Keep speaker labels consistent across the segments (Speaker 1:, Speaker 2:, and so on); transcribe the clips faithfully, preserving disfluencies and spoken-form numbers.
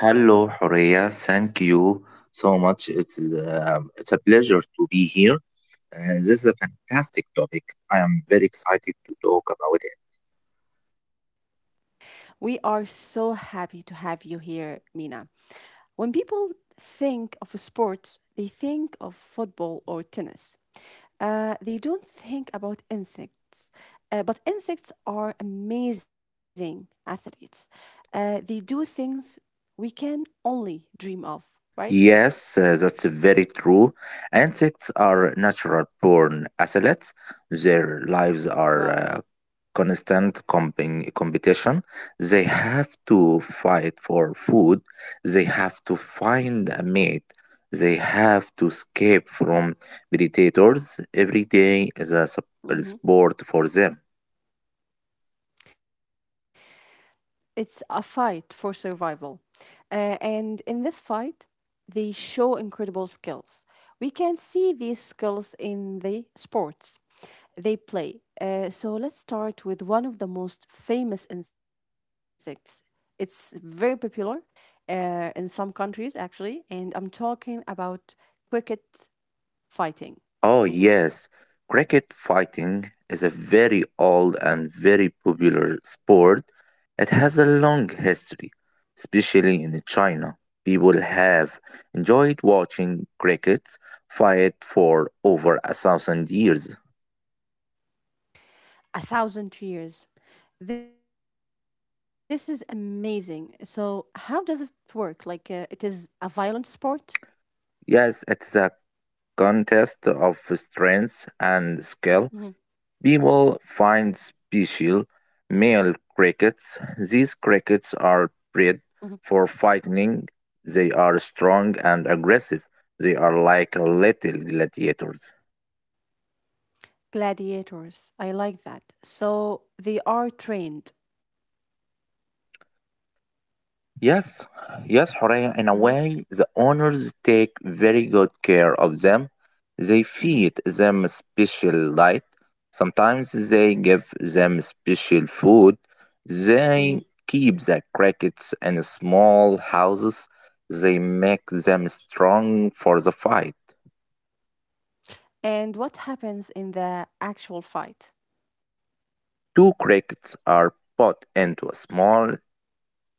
Speaker 1: Hello, Horea. Thank you so much. It's uh, it's a pleasure to be here. Uh, this is a fantastic topic. I am very excited to talk about it. Yes, uh, that's very true. Insects are natural born athletes. Their lives are uh, constant comping competition. They have to fight for food. They have to find a mate. They have to escape from predators. Every day is a sup- a sport for them. Oh, yes. Cricket fighting is a very old and very popular sport. It has a long history, especially in China. People have enjoyed watching crickets fight for over a thousand years. Yes, it's a contest of strength and skill. People find special male crickets. These crickets are bred for fighting. They are strong and aggressive. They are like little gladiators. Yes, yes, Horea, in a way, the owners take very good care of them. They feed them special light. Sometimes they give them special food. They keep the crickets in small houses. They make them strong for the fight. Two crickets are put into a small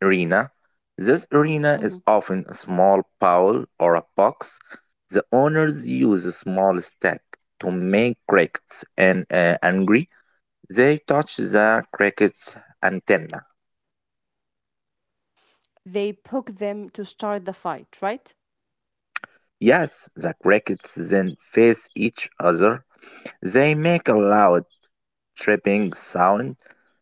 Speaker 1: arena. This arena is often a small pole or a box. The owners use a small stick to make crickets and uh, angry. They touch the cricket's antenna. Yes, the crickets then face each other. They make a loud chirping sound.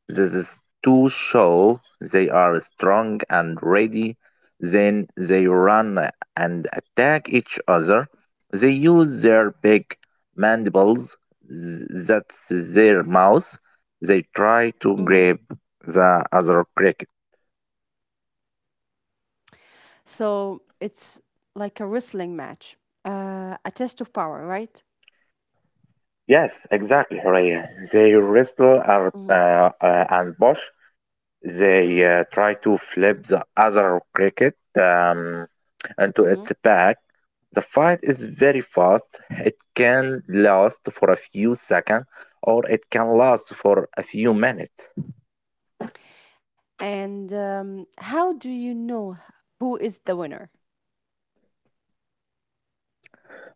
Speaker 1: This is to show they are strong and ready. Then they run and attack each other. They use their big mandibles, th- that's their mouth. They try to grab the other cricket. Yes, exactly, Huraya. They wrestle ar- uh, uh, and push. They uh, try to flip the other cricket um, into its back. The fight is very fast. It can last for a few seconds or it can last for a few minutes.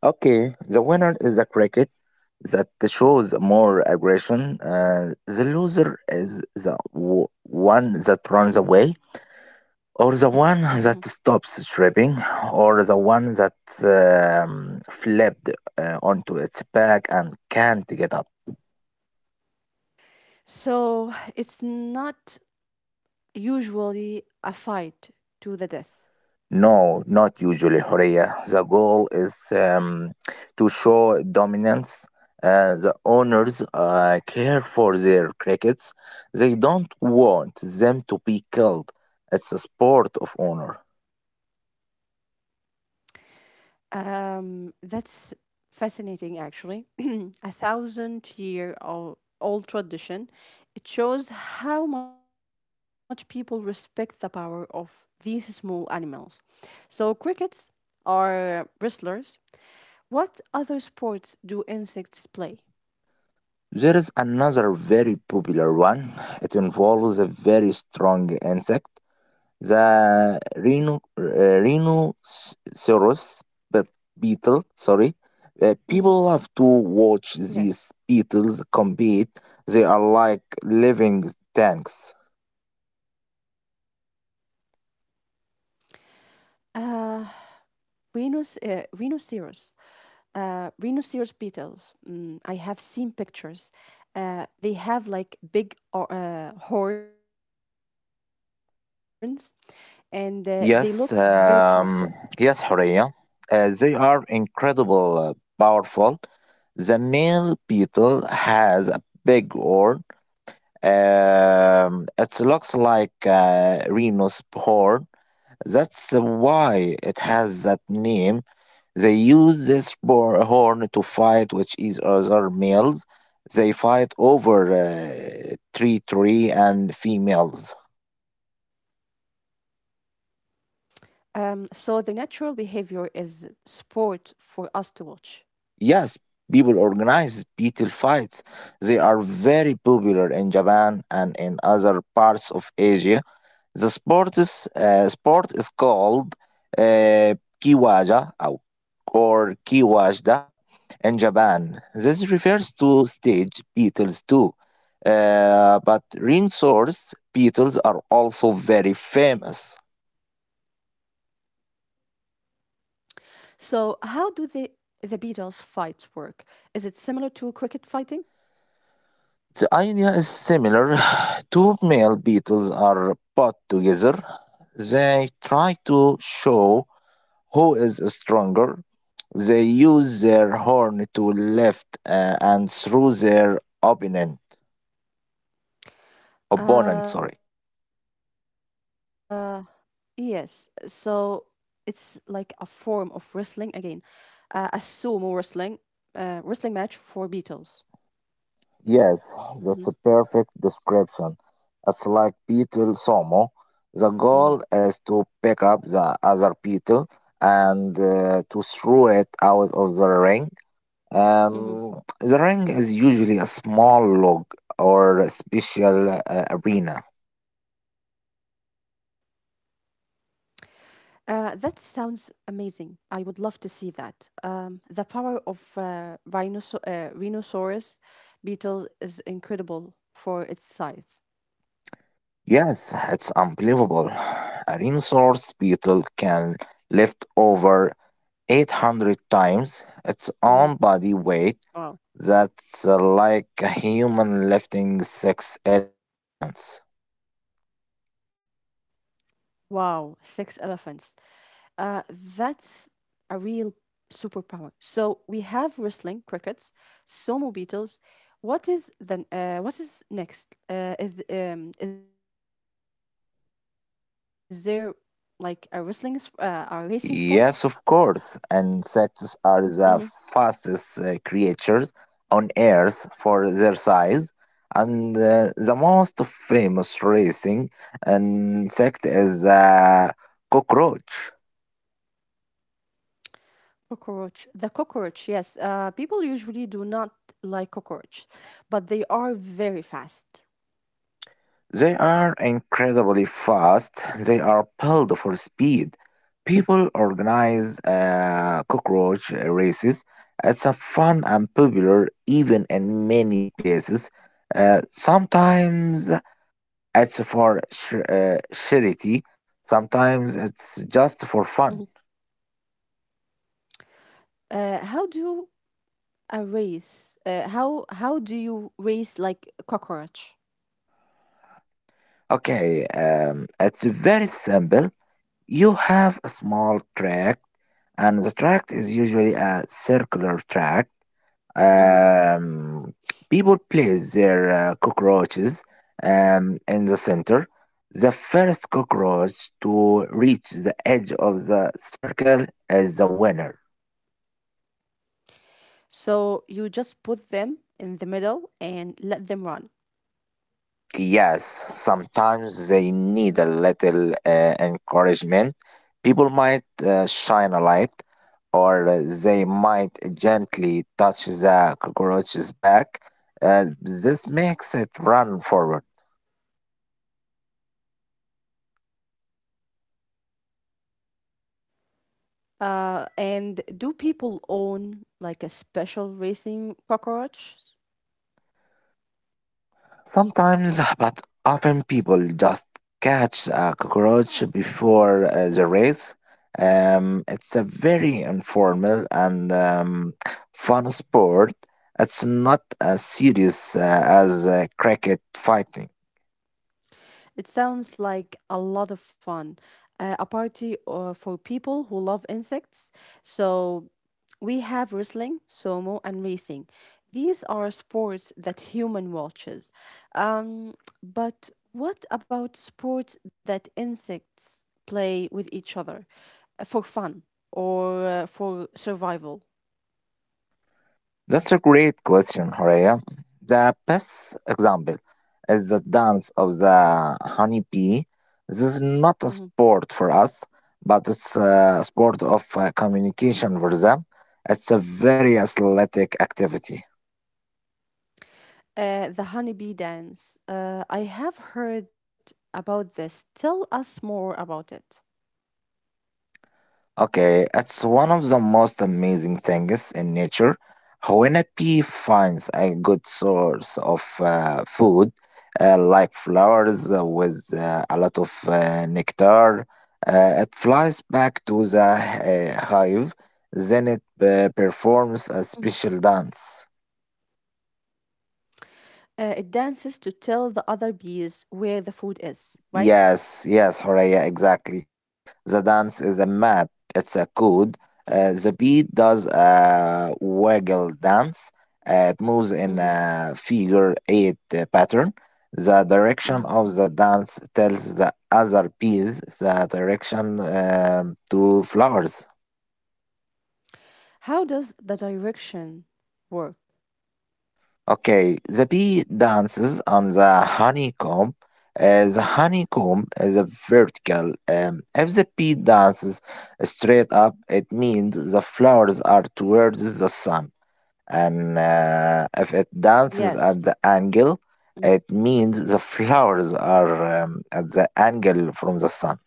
Speaker 1: Okay, the winner is a cricket that shows more aggression. Uh, the loser is the w- one that runs away, or the one that stops stripping, or the one that um, flipped uh, onto its back and can't get up. No, not usually, Horia. The goal is um, to show dominance. Uh, the owners uh, care for their crickets. They don't want them to be killed. It's a sport of honor. There is another very popular one. It involves a very strong insect. The rhino, uh, rhinoceros but beetle, sorry. Uh, people love to watch these beetles compete. They are like living tanks. Yes, um, yes, Horea. Uh, they are incredible, uh, powerful. The male beetle has a big horn. Um, it looks like a rhino's horn. That's why it has that name. They use this bo- horn to fight with each other males. They fight over uh, tree and females. Yes, people organize beetle fights. They are very popular in Japan and in other parts of Asia. The sport is, uh, sport is called uh, kiwaja ou- or kiwajda in Japan. This refers to stage beetles too. Uh, but rhinoceros beetles are also very famous. The idea is similar. Two male beetles are put together. They try to show who is stronger. They use their horn to lift uh, and through their opponent. Opponent, sorry. Yes, that's a perfect description. It's like beetle sumo. The goal is to pick up the other beetle and uh, to throw it out of the ring. Um, the ring is usually a small log or a special uh, arena. Yes, it's unbelievable. A rhinoceros beetle can lift over eight hundred times its own body weight. That's uh, like a human lifting six elephants. Yes, of course. Insects are the fastest uh, creatures on Earth for their size. And uh, the most famous racing insect is a cockroach. They are incredibly fast. They are built for speed. People organize uh, cockroach races. It's a fun and popular even in many places. Uh, sometimes it's for sh- uh, charity. Sometimes it's just for fun. Okay, um, it's very simple. You have a small track, and the track is usually a circular track. Um, people place their uh, cockroaches um, in the center. The first cockroach to reach the edge of the circle is the winner. Yes, sometimes they need a little uh, encouragement. People might uh, shine a light, or uh, they might gently touch the cockroach's back. Uh, this makes it run forward. Sometimes, but often people just catch a cockroach before uh, the race. Um, it's a very informal and um, fun sport. It's not as serious uh, as uh, cricket fighting. That's a great question, Horea. The best example is the dance of the honeybee. This is not a sport for us, but it's a sport of uh, communication for them. It's a very athletic activity. Okay, it's one of the most amazing things in nature. When a bee finds a good source of uh, food, uh, like flowers uh, with uh, a lot of uh, nectar, uh, it flies back to the uh, hive. Then it uh, performs a special dance. Yes, yes, Horea, exactly. The dance is a map, it's a code. Uh, the beat does a waggle dance. Uh, it moves in a figure eight uh, pattern. The direction of the dance tells the other piece the direction um, to flowers. Okay, the bee dances on the honeycomb. Uh, the honeycomb is a vertical. Um, if the bee dances straight up, it means the flowers are towards the sun. And uh, if it dances at the angle, it means the flowers are um, at the angle from the sun.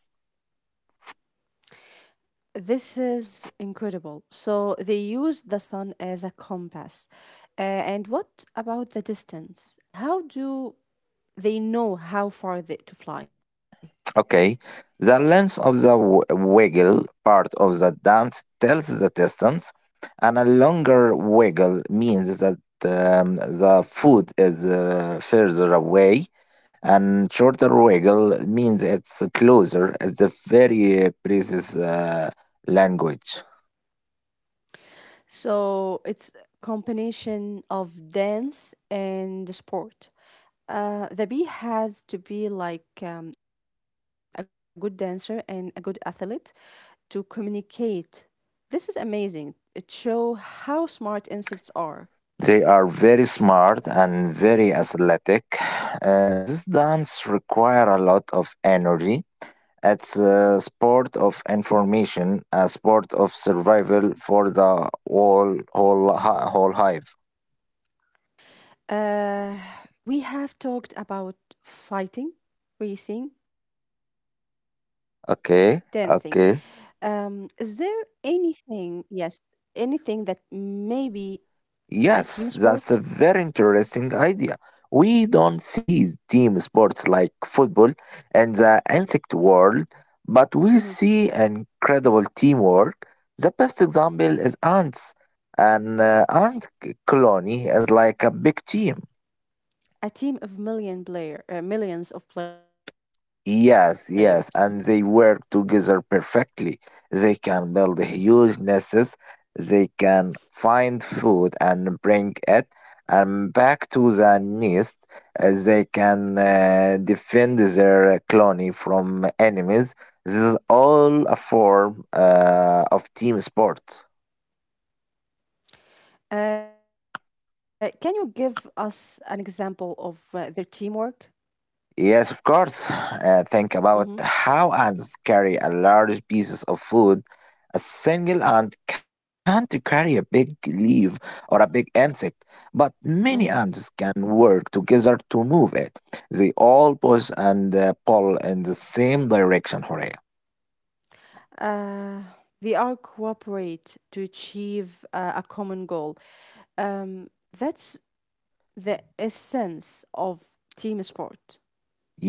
Speaker 1: Okay, the length of the w- wiggle part of the dance tells the distance, and a longer wiggle means that um, the foot is uh, further away, and shorter wiggle means it's closer. It's a very precise uh, language. They are very smart and very athletic. Uh, this dance require a lot of energy. It's a sport of information, a sport of survival for the whole whole hi- whole hive. Okay, okay. Yes, that's a very interesting idea. We don't see team sports like football in the insect world, but we see incredible teamwork. The best example is ants. An uh, ant c- colony is like a big team. Yes, yes, and they work together perfectly. They can build huge nests, they can find food and bring it and back to the nest. Uh, They can uh, defend their colony from enemies. This is all a form uh, of team sport. Yes, of course. Uh, think about how ants carry a large pieces of food. A single ant can't carry a big leaf or a big insect, but many ants can work together to move it. They all push and uh, pull in the same direction, Horea.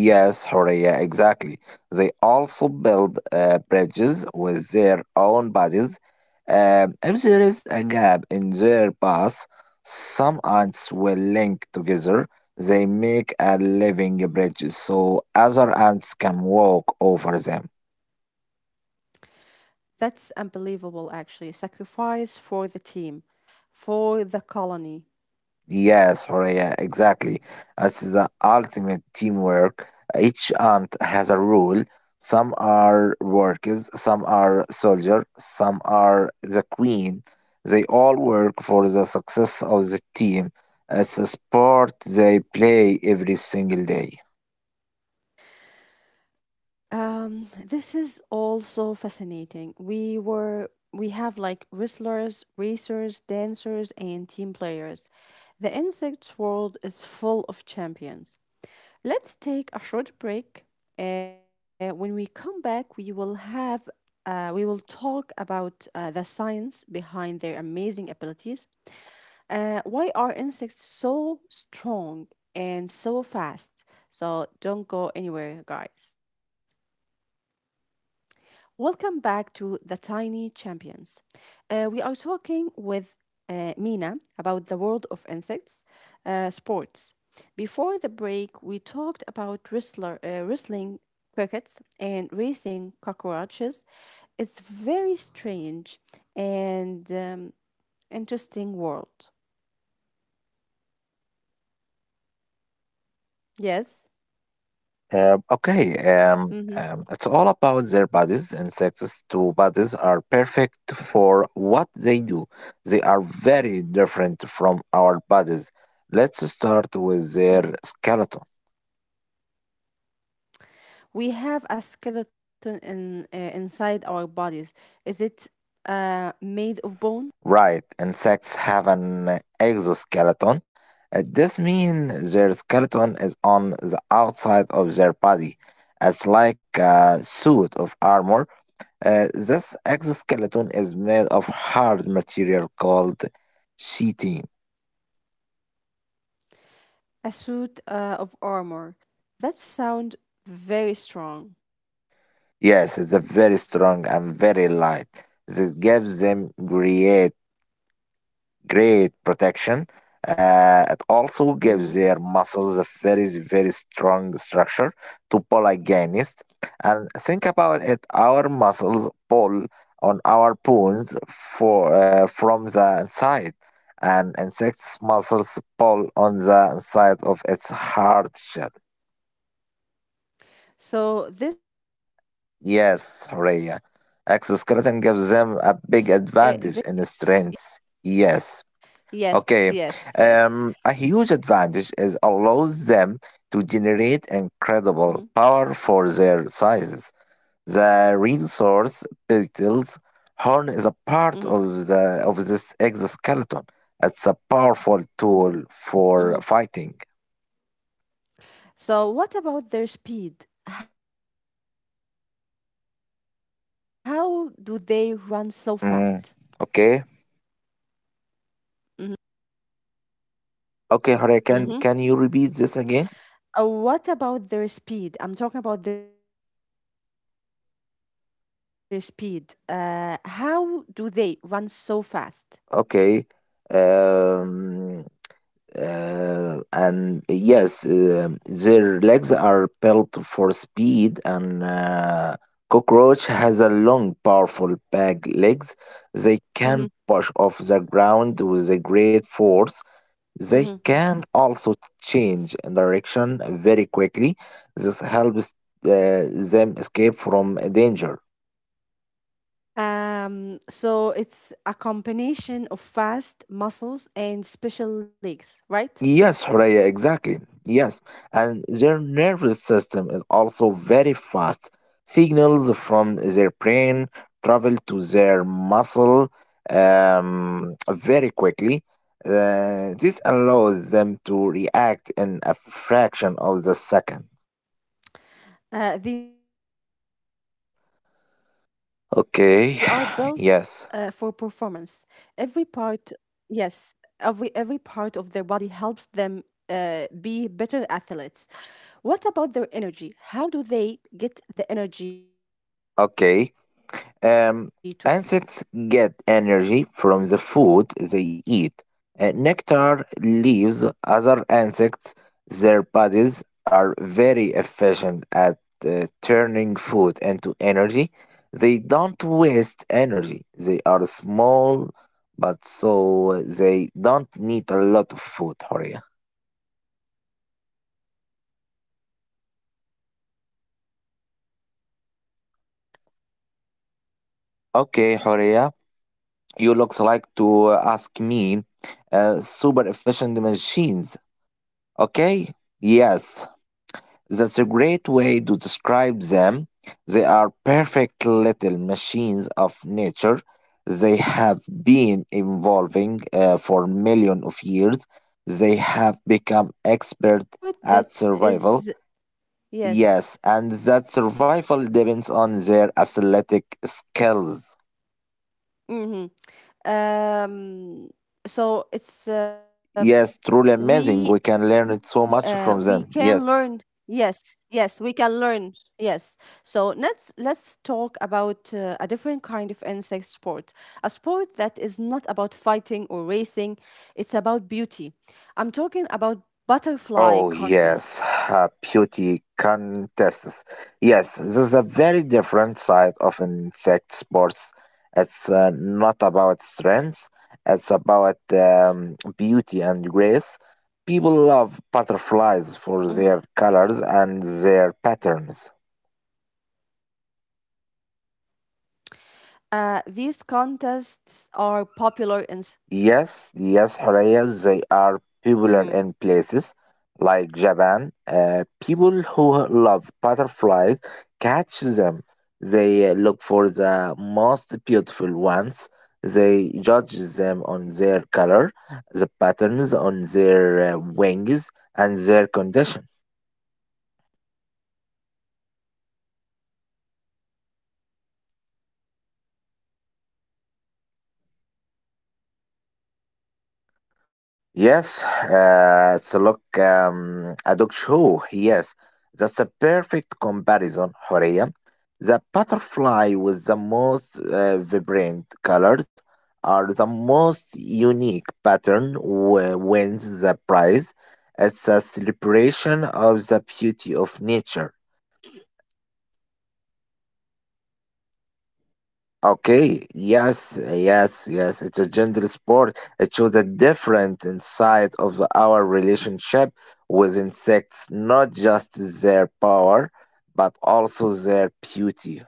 Speaker 1: Yes, Horea, exactly. They also build uh, bridges with their own bodies. Um, if there is a gap in their path, some ants will link together. They make a living bridge so other ants can walk over them. Yes, Horea, exactly. That's the ultimate teamwork. Each ant has a role. Some are workers, some are soldier, some are the queen. They all work for the success of the team. It's a sport they play every single day. Um, okay, um, um, it's all about their bodies. Insects' two bodies are perfect for what they do. They are very different from our bodies. Let's start with their skeleton. Right, insects have an exoskeleton. Uh, This means their skeleton is on the outside of their body. It's like a suit of armor. Uh, this exoskeleton is made of hard material called chitin. Yes, it's a very strong and very light. This gives them great great protection. Uh, it also gives their muscles a very, very strong structure to pull against. And think about it, our muscles pull on our bones for, uh, from the inside, and insects' muscles pull on the inside of its hard shell. Yes, Rhea. Exoskeleton gives them a big advantage in strength. Yes. Okay, um, a huge advantage is allows them to generate incredible power for their sizes. The resource petals horn is a part of the of this exoskeleton. It's a powerful tool for fighting. Mm, okay, okay, Hore, can can you repeat this again? Okay, um, uh, and yes, um their legs are built for speed, and uh, cockroach has a long, powerful back legs. They can push off the ground with a great force. They can also change direction very quickly. This helps uh, them escape from danger. Yes, Horea, exactly. Yes, and their nervous system is also very fast. Signals from their brain travel to their muscle um, very quickly. Uh, this allows them to react in a fraction of the second. Okay, yes, okay. Um, insects get energy from the food they eat. Uh, nectar leaves other insects. Their bodies are very efficient at uh, turning food into energy. They don't waste energy. They are small, but so they don't need a lot of food, Horia. Okay, Horia, you looks like to ask me uh, super efficient machines. Okay, yes, that's a great way to describe them. They are perfect little machines of nature. They have been evolving uh, for millions of years. They have become expert at survival. Yes, and that survival depends on their athletic skills. Yes, truly amazing. We can learn so much from them. Yes. Oh yes, uh, beauty contests. Yes, this is a very different side of insect sports. It's uh, not about strength. It's about um, beauty and grace. People love butterflies for their colors and their patterns. Yes, yes, Horea, they are popular in places like Japan. Uh, people who love butterflies catch them. They look for the most beautiful ones. They judge them on their color, the patterns on their uh, wings, and their condition. Yes, uh, it's a look um, a dog show. Yes, that's a perfect comparison, Horea. The butterfly with the most uh, vibrant colors are the most unique pattern w- wins the prize. It's a celebration of the beauty of nature. Okay, yes, uh, yes, yes. It's a gender sport. It shows a different inside of our relationship with insects, not just their power, but also their beauty.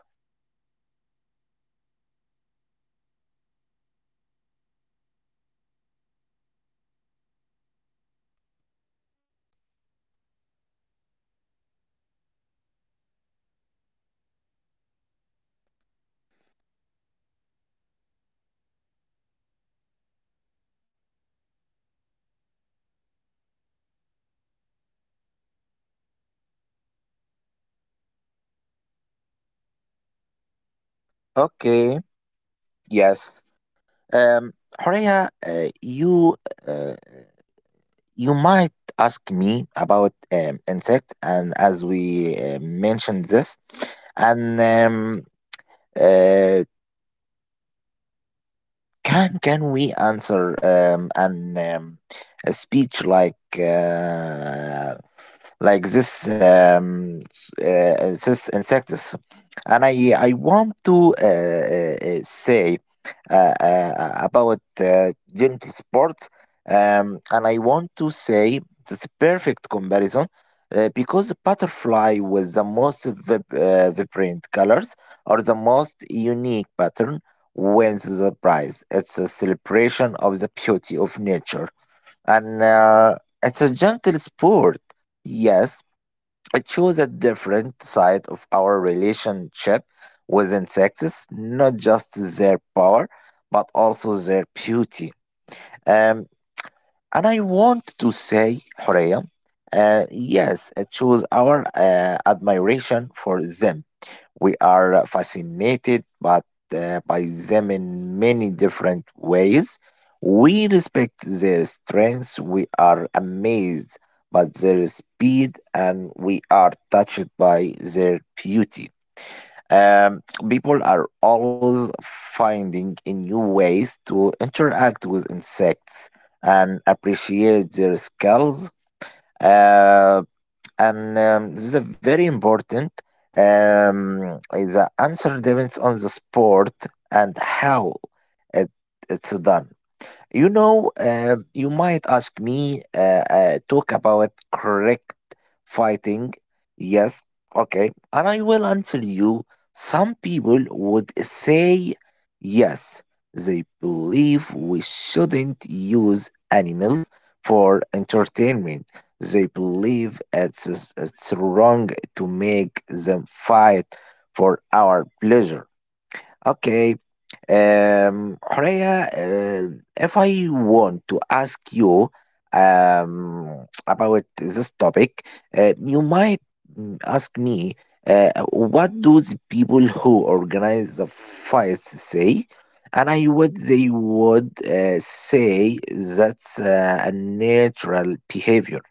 Speaker 1: Okay, yes. Um, Horea, uh, you uh, you might ask me about um, insect, and as we uh, mentioned this, and um, uh, Can can we answer um, an um, a speech like uh, like this um, uh, uh, this insects? And I I want to uh, uh, uh, say uh, uh, about uh, gentle sport, um, and I want to say it's a perfect comparison uh, because butterfly with the most vib- uh, vibrant colors are the most unique pattern wins the prize. It's a celebration of the beauty of nature, and uh, it's a gentle sport. Yes, it shows a different side of our relationship with insects, not just their power, but also their beauty. Um, and I want to say, Horea, uh, yes, uh, choose our uh, admiration for them. We are fascinated but, uh, by them in many different ways. We respect their strengths, we are amazed by their speed, and we are touched by their beauty. Um, People are always finding a new ways to interact with insects and appreciate their skills. Uh, and um, This is a very important. Um, the answer depends on the sport and how it, it's done. You know, uh, you might ask me uh, uh, talk about correct fighting. Yes, okay. And I will answer you. Some people would say yes, they believe we shouldn't use animals for entertainment. They believe it's, it's wrong to make them fight for our pleasure. Okay. Um, Horea, uh, if I want to ask you um, about this topic, uh, you might mm, ask me uh, what do the people who organize the fights say? And I would they would uh, say that's uh, a natural behavior.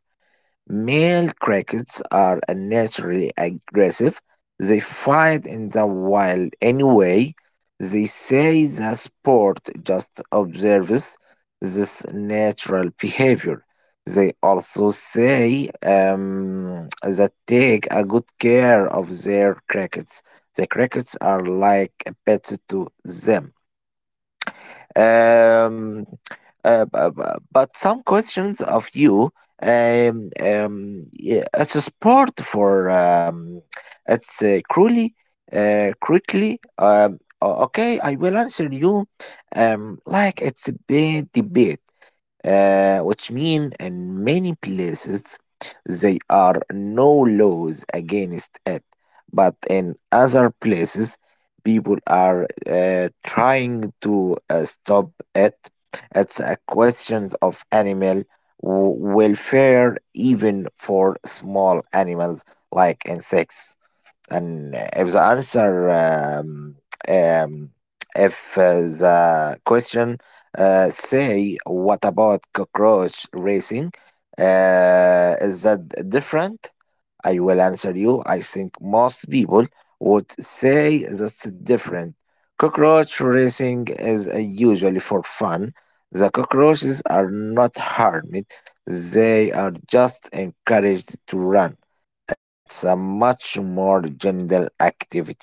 Speaker 1: Male crickets are naturally aggressive. They fight in the wild anyway. They say the sport just observes this natural behavior. They also say um, that take a good care of their crickets. The crickets are like a pet to them. Um, uh, bu- bu- but some questions of you um, um, yeah, as a sport for um, it's uh, cruelly uh, quickly um, o- okay, I will answer you um, like it's a big debate uh, which mean in many places there are no laws against it, but in other places people are uh, trying to uh, stop it. It's a question of animal w- welfare, even for small animals like insects. And if the answer um, um, if uh, the question uh, say what about cockroach racing uh, is that different? I will answer you. I think most people would say that's different. Cockroach racing is uh, usually for fun. The cockroaches are not harmed, they are just encouraged to run. It's a much more general activity.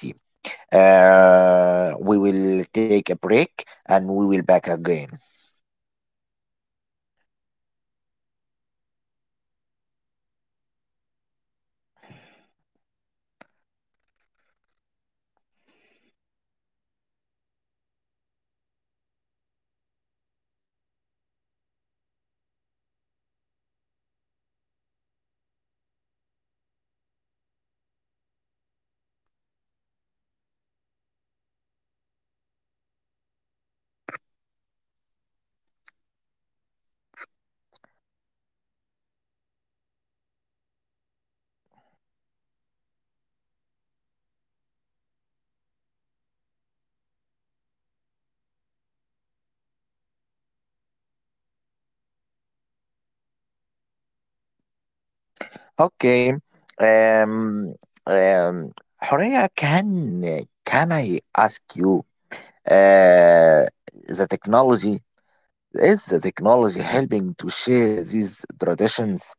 Speaker 1: Uh, we will take a break and we will back again. Okay. Um, um, Horea, can can I ask you? Uh, the technology Is the technology helping to share these traditions?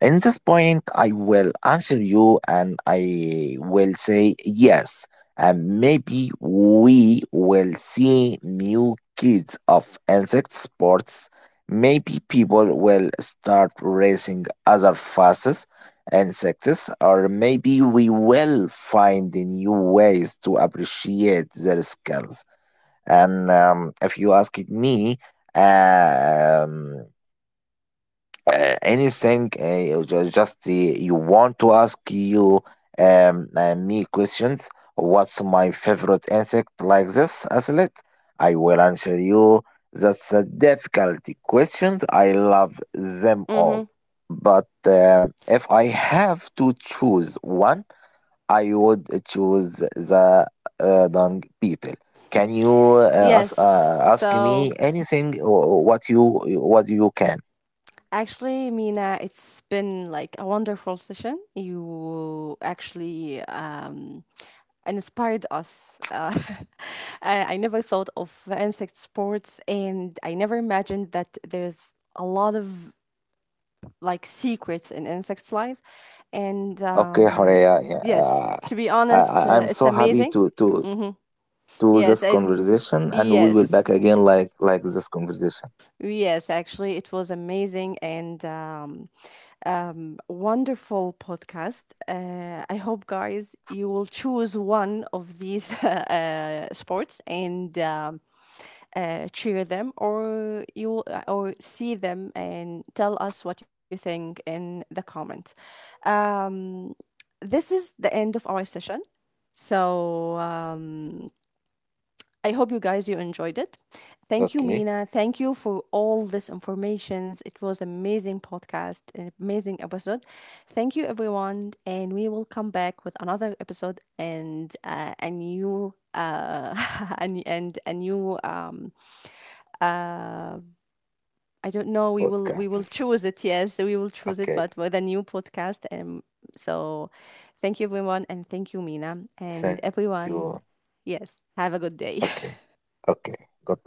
Speaker 1: In this point, I will answer you and I will say yes. And maybe we will see new kids of insect sports. Maybe people will start racing other fastest insects, or maybe we will find new ways to appreciate their skills, and um, if you ask it me, um, uh, anything uh, you ju- just uh, you want to ask you um, uh, me questions. What's my favorite insect? Like this, Aslet, I will answer you. That's a
Speaker 2: Mhm.
Speaker 1: difficult question. I love them all,
Speaker 2: Mhm.
Speaker 1: but um, if I have to choose one. I would choose the uh, dung beetle. Can you uh, ask,
Speaker 2: Yes.
Speaker 1: uh, ask me
Speaker 2: So
Speaker 1: anything wh- what you what you can?
Speaker 2: actually, Mina, it's been like a wonderful session. You actually um, inspired us. Uh, I I never thought of insect sports, and I never imagined that there's a lot of like secrets in insects' life. And
Speaker 1: Okay,
Speaker 2: um,
Speaker 1: Horea, yeah,
Speaker 2: Yes,
Speaker 1: uh,
Speaker 2: to be
Speaker 1: I,
Speaker 2: honest,
Speaker 1: I-
Speaker 2: uh,
Speaker 1: I'm so
Speaker 2: it's
Speaker 1: happy
Speaker 2: amazing.
Speaker 1: to to to
Speaker 2: Yes,
Speaker 1: this
Speaker 2: I
Speaker 1: conversation, and we will
Speaker 2: yes.
Speaker 1: back again like like this conversation.
Speaker 2: Yes, actually, it was amazing and um, um, wonderful podcast. Uh, I hope, guys, you will choose one of these uh, sports and um, uh, cheer them, or you will- uh, or see them and tell us what you think in the comment. Um, this is the end of our session. So. Um, I hope you guys you enjoyed it. Thank you,
Speaker 1: Okay,
Speaker 2: Mina. Thank you for all this informations. It was amazing podcast, an amazing episode. Thank you, everyone, and we will come back with another episode and uh, a new uh and and a new um uh I don't know. We will we will
Speaker 1: podcasts.
Speaker 2: choose it. Yes, we will choose it,
Speaker 1: Okay,
Speaker 2: but with a new podcast. Um. So, thank you, everyone, and thank you, Mina, and
Speaker 1: thank you.
Speaker 2: everyone. Yes, have a good day.
Speaker 1: Okay, okay, goodbye.